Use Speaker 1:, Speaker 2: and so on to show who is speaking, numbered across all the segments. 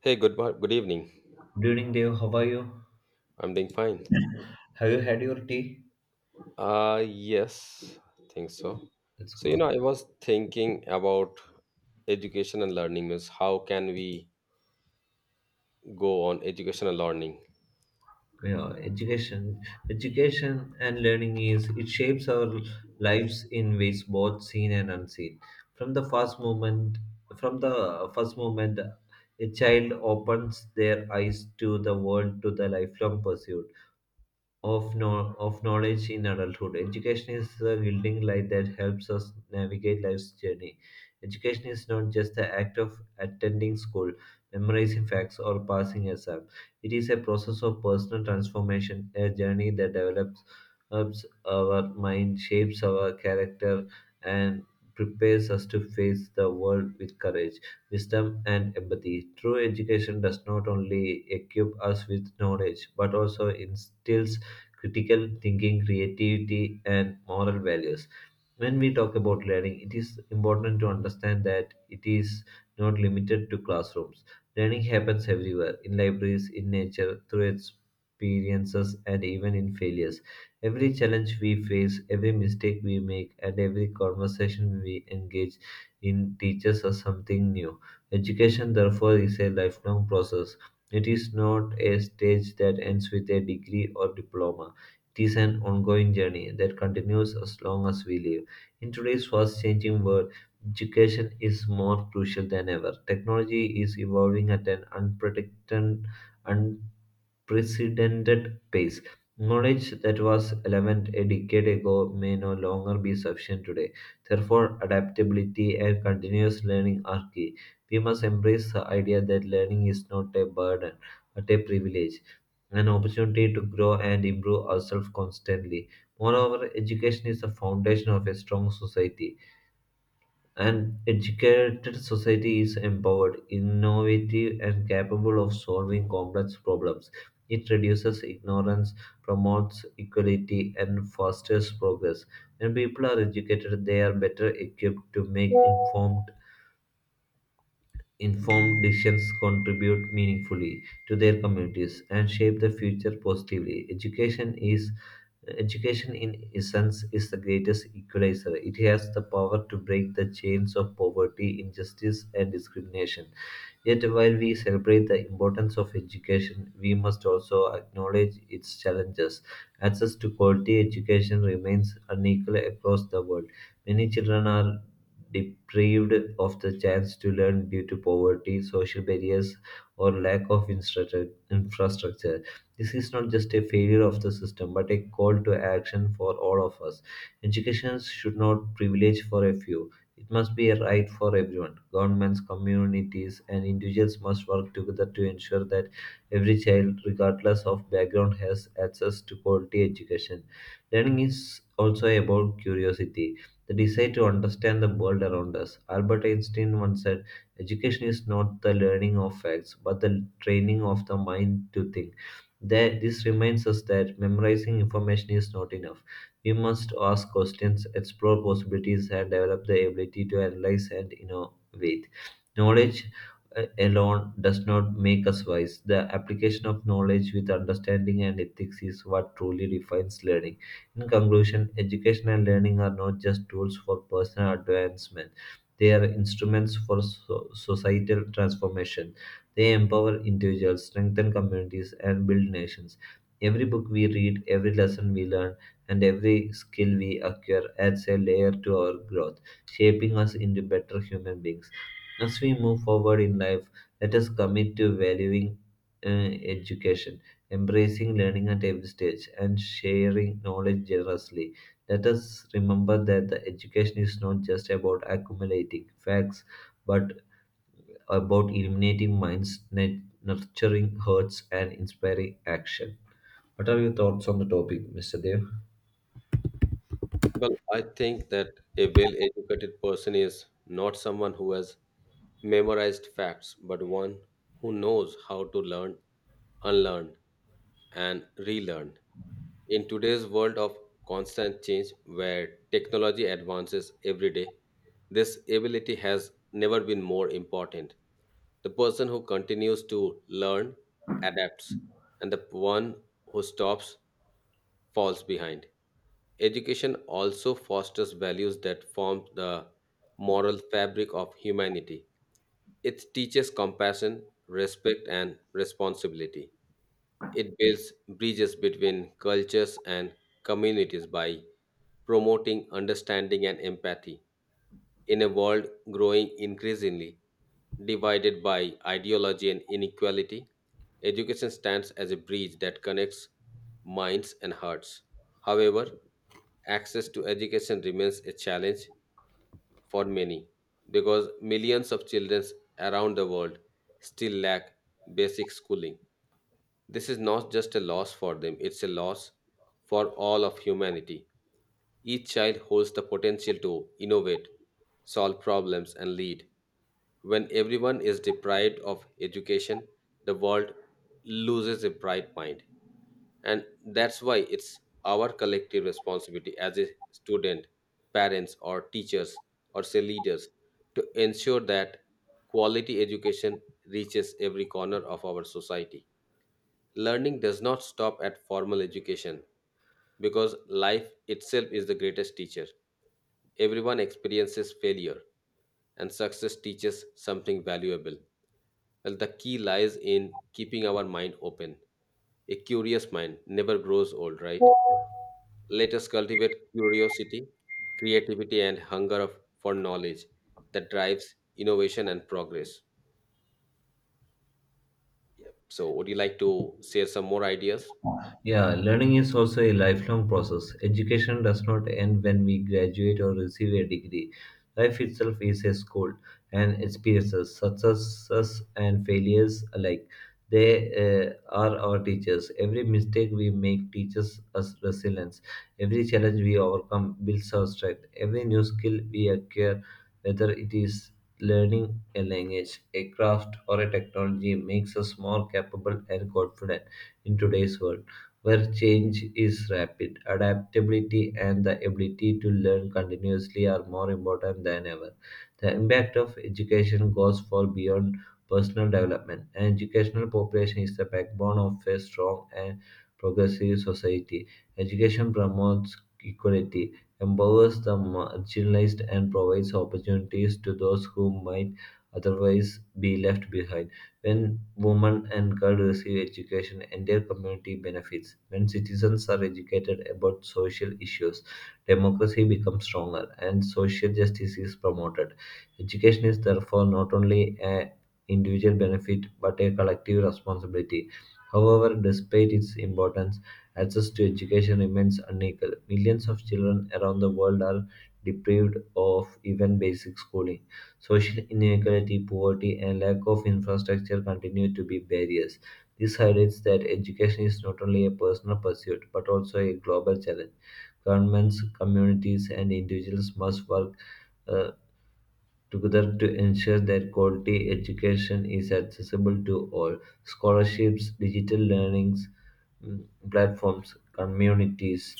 Speaker 1: Hey, good evening.
Speaker 2: Good evening, Dave. How are you?
Speaker 1: I'm doing fine.
Speaker 2: Have you had your tea?
Speaker 1: Yes, I think so.
Speaker 2: That's
Speaker 1: So, you know,
Speaker 2: cool.
Speaker 1: I was thinking about education and learning means how can we go on education and learning?
Speaker 2: Yeah, education and learning is it shapes our lives in ways both seen and unseen. From the first moment, from the first moment, a child opens their eyes to the world to the lifelong pursuit of, no- of knowledge in adulthood. Education is the guiding light that helps us navigate life's journey. Education is not just the act of attending school, memorizing facts, or passing exams. It is a process of personal transformation, a journey that develops helps our mind, shapes our character, and prepares us to face the world with courage, wisdom, and empathy. True education does not only equip us with knowledge but also instills critical thinking, creativity, and moral values. When we talk about learning, it is important to understand that it is not limited to classrooms. Learning happens everywhere in libraries, in nature, through experiences, and even in failures. Every challenge we face, every mistake we make, and every conversation we engage in teaches us something new. Education, therefore, is a lifelong process. It is not a stage that ends with a degree or diploma. It is an ongoing journey that continues as long as we live. In today's fast changing world, education is more crucial than ever. Technology is evolving at an unprecedented pace. Knowledge that was relevant a decade ago may no longer be sufficient today. Therefore, adaptability and continuous learning are key. We must embrace the idea that learning is not a burden but a privilege, an opportunity to grow and improve ourselves constantly. Moreover, education is the foundation of a strong society. An educated society is empowered, innovative, and capable of solving complex problems. It reduces ignorance, promotes equality, and fosters progress. When people are educated, they are better equipped to make informed decisions, contribute meaningfully to their communities, and shape the future positively. Education in essence is the greatest equalizer. It has the power to break the chains of poverty, injustice, and discrimination. Yet, while we celebrate the importance of education, we must also acknowledge its challenges. Access to quality education remains unequal across the world. Many children are deprived of the chance to learn due to poverty, social barriers, or lack of infrastructure. This is not just a failure of the system, but a call to action for all of us. Education should not privilege for a few. It must be a right for everyone. Governments, communities, and individuals must work together to ensure that every child, regardless of background, has access to quality education. Learning is also about curiosity, the desire to understand the world around us. Albert Einstein once said, education is not the learning of facts, but the training of the mind to think. That this reminds us that memorizing information is not enough. We must ask questions, explore possibilities, and develop the ability to analyze and innovate. Knowledge alone does not make us wise. The application of knowledge with understanding and ethics is what truly defines learning. In conclusion, education and learning are not just tools for personal advancement. They are instruments for societal transformation. They empower individuals, strengthen communities, and build nations. Every book we read, every lesson we learn, and every skill we acquire adds a layer to our growth, shaping us into better human beings. As we move forward in life, let us commit to valuing education, embracing learning at every stage, and sharing knowledge generously. Let us remember that the education is not just about accumulating facts, but about illuminating minds, nurturing hearts, and inspiring action. What are your thoughts on the topic, Mr. Dev?
Speaker 1: Well, I think that a well-educated person is not someone who has memorized facts, but one who knows how to learn, unlearn, and relearn. In today's world of constant change, where technology advances every day, this ability has never been more important. The person who continues to learn adapts, and the one who stops falls behind. Education also fosters values that form the moral fabric of humanity. It teaches compassion, respect, and responsibility. It builds bridges between cultures and communities by promoting understanding and empathy. In a world growing increasingly divided by ideology and inequality, education stands as a bridge that connects minds and hearts. However, access to education remains a challenge for many because millions of children around the world still lack basic schooling. This is not just a loss for them, it's a loss for all of humanity. Each child holds the potential to innovate, solve problems, and lead. When everyone is deprived of education, the world loses a bright mind. And that's why it's our collective responsibility as a student, parents, or teachers, or say leaders, to ensure that quality education reaches every corner of our society. Learning does not stop at formal education because life itself is the greatest teacher. Everyone experiences failure, and success teaches something valuable. Well, the key lies in keeping our mind open. A curious mind never grows old, right? Let us cultivate curiosity, creativity, and hunger of, for knowledge that drives innovation and progress. So, would you like to share some more ideas?
Speaker 2: Yeah, learning is also a lifelong process. Education does not end when we graduate or receive a degree. Life itself is a school, and experiences, successes and failures alike, they are our teachers. Every mistake we make teaches us resilience. Every challenge we overcome builds our strength. Every new skill we acquire, whether it is learning a language, a craft, or a technology, makes us more capable and confident in today's world where change is rapid. Adaptability and the ability to learn continuously are more important than ever. The impact of education goes far beyond personal development. An educational population is the backbone of a strong and progressive society. Education promotes equality, empowers the marginalized, and provides opportunities to those who might otherwise be left behind. When women and girls receive education, entire community benefits. When citizens are educated about social issues, democracy becomes stronger and social justice is promoted. Education is therefore not only a individual benefit but a collective responsibility. However, despite its importance, access to education remains unequal. Millions of children around the world are deprived of even basic schooling. Social inequality, poverty, and lack of infrastructure continue to be barriers. This highlights that education is not only a personal pursuit but also a global challenge. Governments, communities, and individuals must work uh, together to ensure that quality education is accessible to all. Scholarships, digital learnings mm, platforms, communities,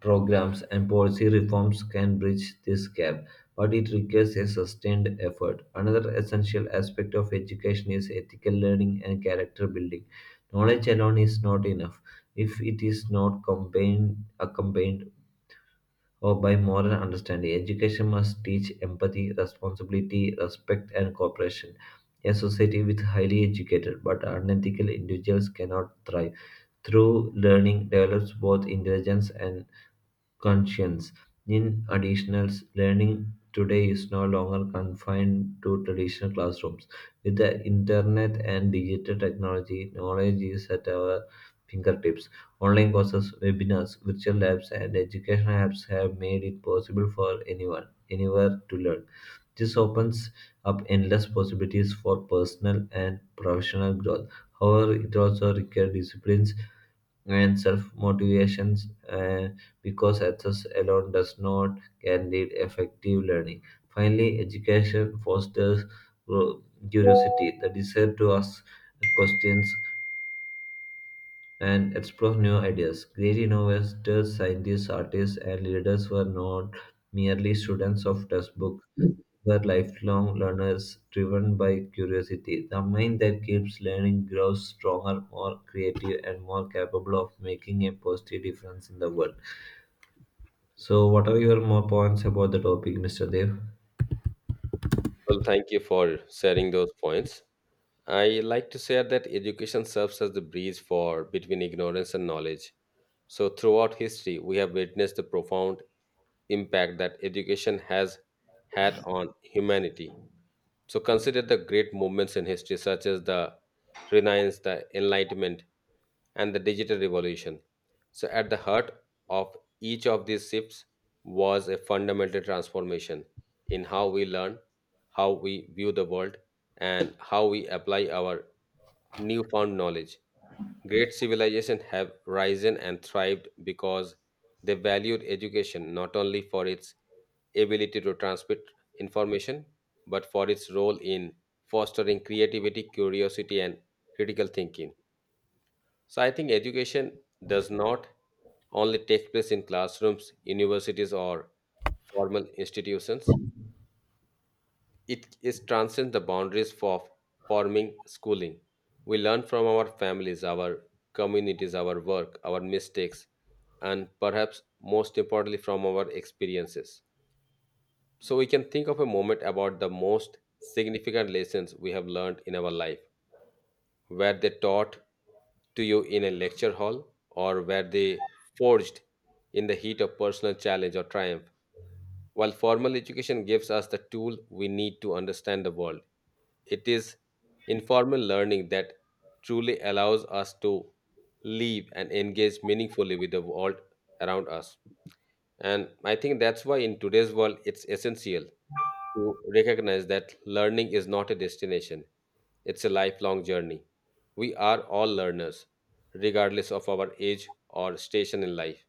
Speaker 2: programs, and policy reforms can bridge this gap, but it requires a sustained effort. Another essential aspect of education is ethical learning and character building. Knowledge alone is not enough if it is not accompanied or by moral understanding. Education must teach empathy, responsibility, respect, and cooperation. A society with highly educated but unethical individuals cannot thrive. Through learning, develops both intelligence and conscience. In additional, learning today is no longer confined to traditional classrooms. With the internet and digital technology, knowledge is at our fingertips. Online courses, webinars, virtual labs, and educational apps have made it possible for anyone, anywhere to learn. This opens up endless possibilities for personal and professional growth. However, it also requires disciplines and self motivations because access alone does not guarantee effective learning. Finally, education fosters gro- curiosity, the desire to ask questions, and explore new ideas. Great innovators, scientists, artists, and leaders were not merely students of textbooks, were lifelong learners driven by curiosity. The mind that keeps learning grows stronger, more creative, and more capable of making a positive difference in the world. So, what are your more points about the topic, Mr. Dev?
Speaker 1: Well, thank you for sharing those points. I like to share that education serves as the bridge for between ignorance and knowledge. So throughout history, we have witnessed the profound impact that education has had on humanity. So consider the great movements in history, such as the Renaissance, the Enlightenment, and the Digital Revolution. So, at the heart of each of these shifts was a fundamental transformation in how we learn, how we view the world, and how we apply our newfound knowledge. Great civilizations have risen and thrived because they valued education not only for its ability to transmit information, but for its role in fostering creativity, curiosity, and critical thinking. So I think education does not only take place in classrooms, universities, or formal institutions. It is transcends the boundaries for forming schooling. We learn from our families, our communities, our work, our mistakes, and perhaps most importantly from our experiences. So we can think of a moment about the most significant lessons we have learned in our life. Were they taught to you in a lecture hall, or were they forged in the heat of personal challenge or triumph? While formal education gives us the tool we need to understand the world, it is informal learning that truly allows us to live and engage meaningfully with the world around us. And I think that's why in today's world it's essential to recognize that learning is not a destination, it's a lifelong journey. We are all learners, regardless of our age or station in life.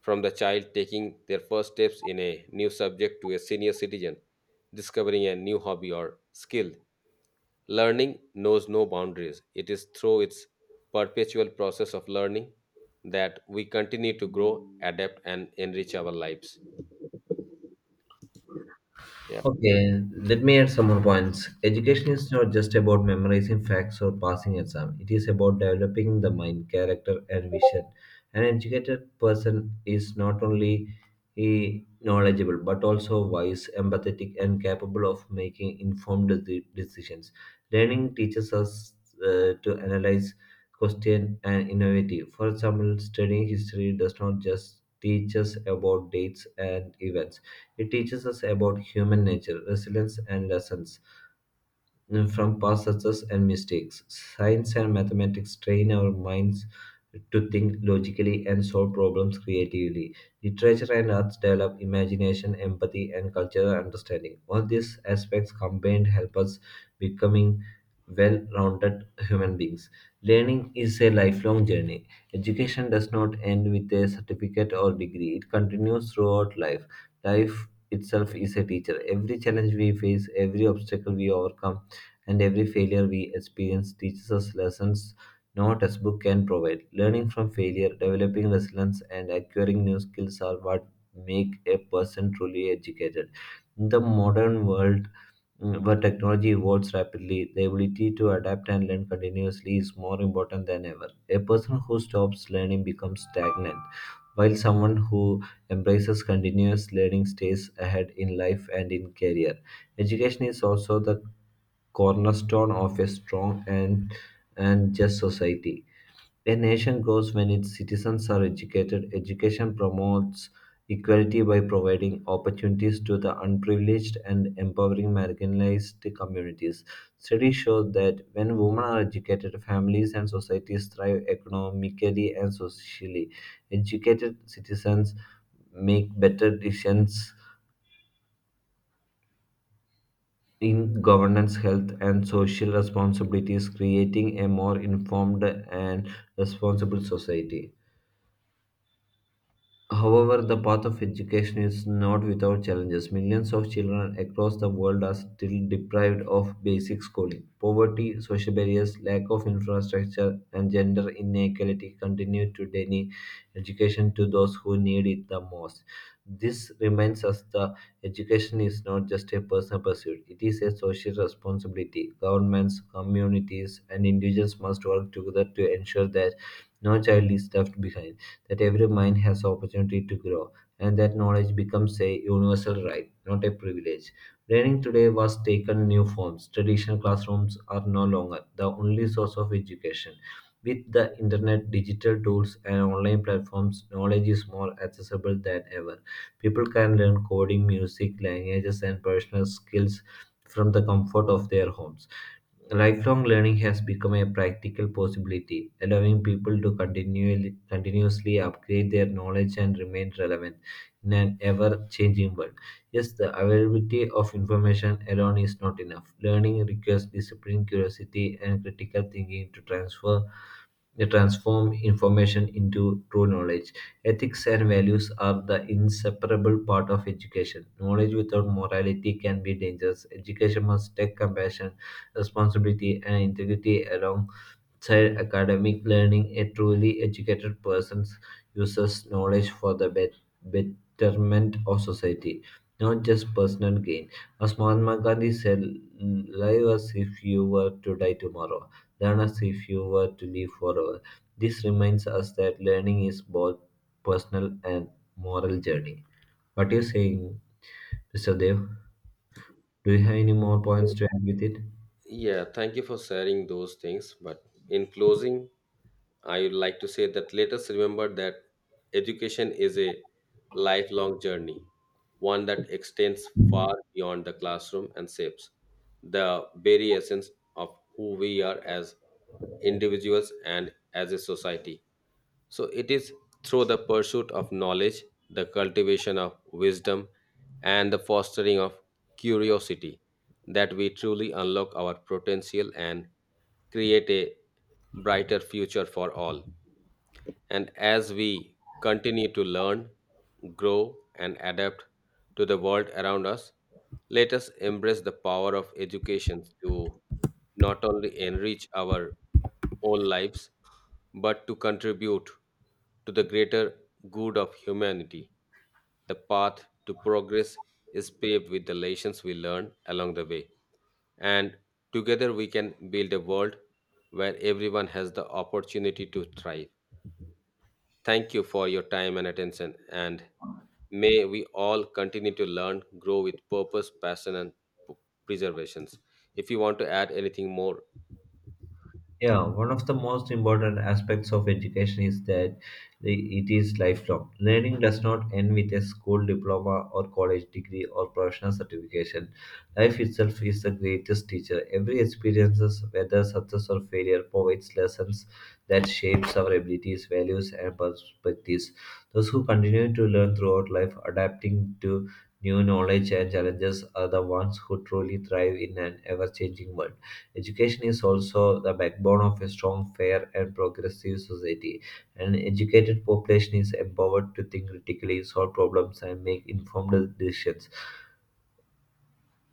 Speaker 1: From the child taking their first steps in a new subject to a senior citizen discovering a new hobby or skill, learning knows no boundaries. It is through its perpetual process of learning that we continue to grow, adapt, and enrich our lives. Yeah.
Speaker 2: Okay, let me add some more points. Education is not just about memorizing facts or passing exam. It is about developing the mind, character, and vision. An educated person is not only knowledgeable but also wise, empathetic, and capable of making informed decisions. Learning teaches us to analyze, question, and innovate. For example, studying history does not just teach us about dates and events. It teaches us about human nature, resilience, and lessons from past success and mistakes. Science and mathematics train our minds to think logically and solve problems creatively. Literature and arts develop imagination, empathy, and cultural understanding. All these aspects combined help us becoming well-rounded human beings. Learning is a lifelong journey. Education does not end with a certificate or degree. It continues throughout life. Life itself is a teacher. Every challenge we face, every obstacle we overcome, and every failure we experience teaches us lessons no textbook can provide. Learning from failure, developing resilience, and acquiring new skills are what make a person truly educated. In the modern world, where technology evolves rapidly, the ability to adapt and learn continuously is more important than ever. A person who stops learning becomes stagnant, while someone who embraces continuous learning stays ahead in life and in career. Education is also the cornerstone of a strong and just society. A nation grows when its citizens are educated. Education promotes equality by providing opportunities to the unprivileged and empowering marginalized communities. Studies show that when women are educated, families and societies thrive economically and socially. Educated citizens make better decisions in governance, health, and social responsibilities, creating a more informed and responsible society. However, the path of education is not without challenges. Millions of children across the world are still deprived of basic schooling. Poverty, social barriers, lack of infrastructure, and gender inequality continue to deny education to those who need it the most. This reminds us that education is not just a personal pursuit, it is a social responsibility. Governments, communities, and individuals must work together to ensure that no child is left behind, that every mind has opportunity to grow, and that knowledge becomes a universal right, not a privilege. Learning today was taken new forms. Traditional classrooms are no longer the only source of education. With the internet, digital tools, and online platforms, knowledge is more accessible than ever. People can learn coding, music, languages, and personal skills from the comfort of their homes. Lifelong learning has become a practical possibility, allowing people to continuously upgrade their knowledge and remain relevant in an ever changing world. Yes, the availability of information alone is not enough. Learning requires discipline, curiosity, and critical thinking to transfer they transform information into true knowledge. Ethics and values are the inseparable part of education. Knowledge without morality can be dangerous. Education must take compassion, responsibility, and integrity along outside academic learning. A truly educated person uses knowledge for the betterment of society, not just personal gain. As Mahatma Gandhi said, live as if you were to die tomorrow, learn as if you were to live forever. This reminds us that learning is both personal and moral journey. What are you saying, Mr. Dev? Do you have any more points
Speaker 1: So
Speaker 2: to add with it?
Speaker 1: Yeah, thank you for sharing those things. But in closing, I would like to say that let us remember that education is a lifelong journey, one that extends far beyond the classroom and shapes the very essence of who we are as individuals and as a society. So it is through the pursuit of knowledge, the cultivation of wisdom, and the fostering of curiosity that we truly unlock our potential and create a brighter future for all. And as we continue to learn, grow, and adapt to the world around us, let us embrace the power of education to not only enrich our own lives, but to contribute to the greater good of humanity. The path to progress is paved with the lessons we learn along the way. And together we can build a world where everyone has the opportunity to thrive. Thank you for your time and attention, and may we all continue to learn, grow with purpose, passion, and p- preservations. If you want to add anything more,
Speaker 2: Yeah, one of the most important aspects of education is that it is lifelong. Learning does not end with a school diploma or college degree or professional certification. Life itself is the greatest teacher. Every experience, whether success or failure, provides lessons that shapes our abilities, values, and perspectives. Those who continue to learn throughout life, adapting to new knowledge and challenges, are the ones who truly thrive in an ever-changing world. Education is also the backbone of a strong, fair, and progressive society. An educated population is empowered to think critically, solve problems, and make informed decisions.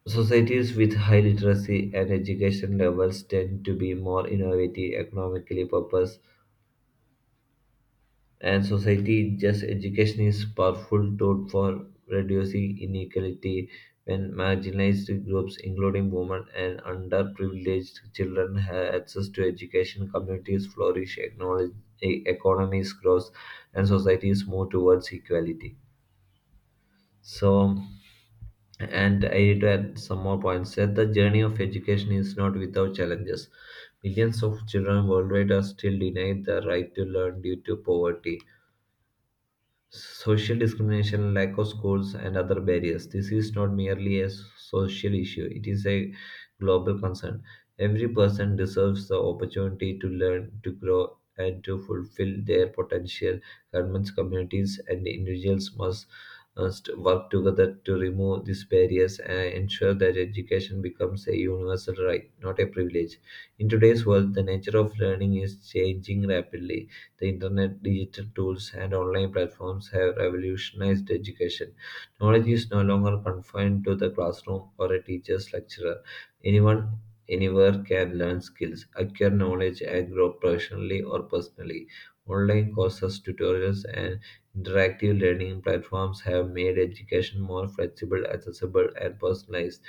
Speaker 2: Societies with high literacy and education levels tend to be more innovative, economically purpose and society just education is powerful tool for reducing inequality when marginalized groups including women and underprivileged children have access to education communities flourish economies grow and societies move towards equality. So, and I need to add some more points that the journey of education is not without challenges. Millions of children worldwide are still denied the right to learn due to poverty, social discrimination, lack of schools, and other barriers. This is not merely a social issue, it is a global concern. Every person deserves the opportunity to learn, to grow, and to fulfill their potential. Governments, communities, and individuals must work together to remove these barriers and ensure that education becomes a universal right, not a privilege. In today's world, the nature of learning is changing rapidly. The internet, digital tools, and online platforms have revolutionized education. Knowledge is no longer confined to the classroom or a teacher's lecturer. Anyone, anywhere can learn skills, acquire knowledge, and grow professionally or personally. Online courses, tutorials, and interactive learning platforms have made education more flexible, accessible, and personalized.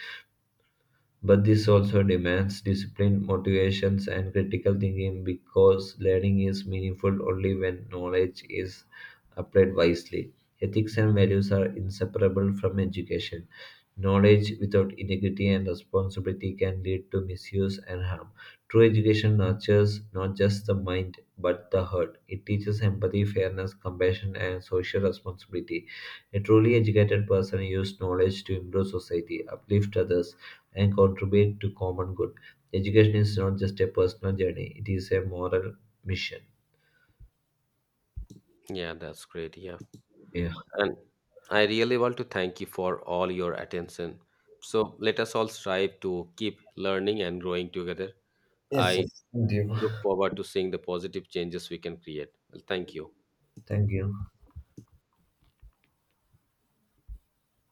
Speaker 2: But this also demands discipline, motivations, and critical thinking because learning is meaningful only when knowledge is applied wisely. Ethics and values are inseparable from education. Knowledge without integrity and responsibility can lead to misuse and harm. True education nurtures not just the mind but the heart. It teaches empathy, fairness, compassion, and social responsibility. A truly educated person uses knowledge to improve society, uplift others, and contribute to common good. Education is not just a personal journey, it is a moral mission.
Speaker 1: yeah, that's great. Yeah,
Speaker 2: Yeah.
Speaker 1: and I really want to thank you for all your attention. So let us all strive to keep learning and growing together.
Speaker 2: Yes,
Speaker 1: I
Speaker 2: yes. Thank you.
Speaker 1: look forward to seeing the positive changes we can create. Well, thank you.
Speaker 2: Thank you.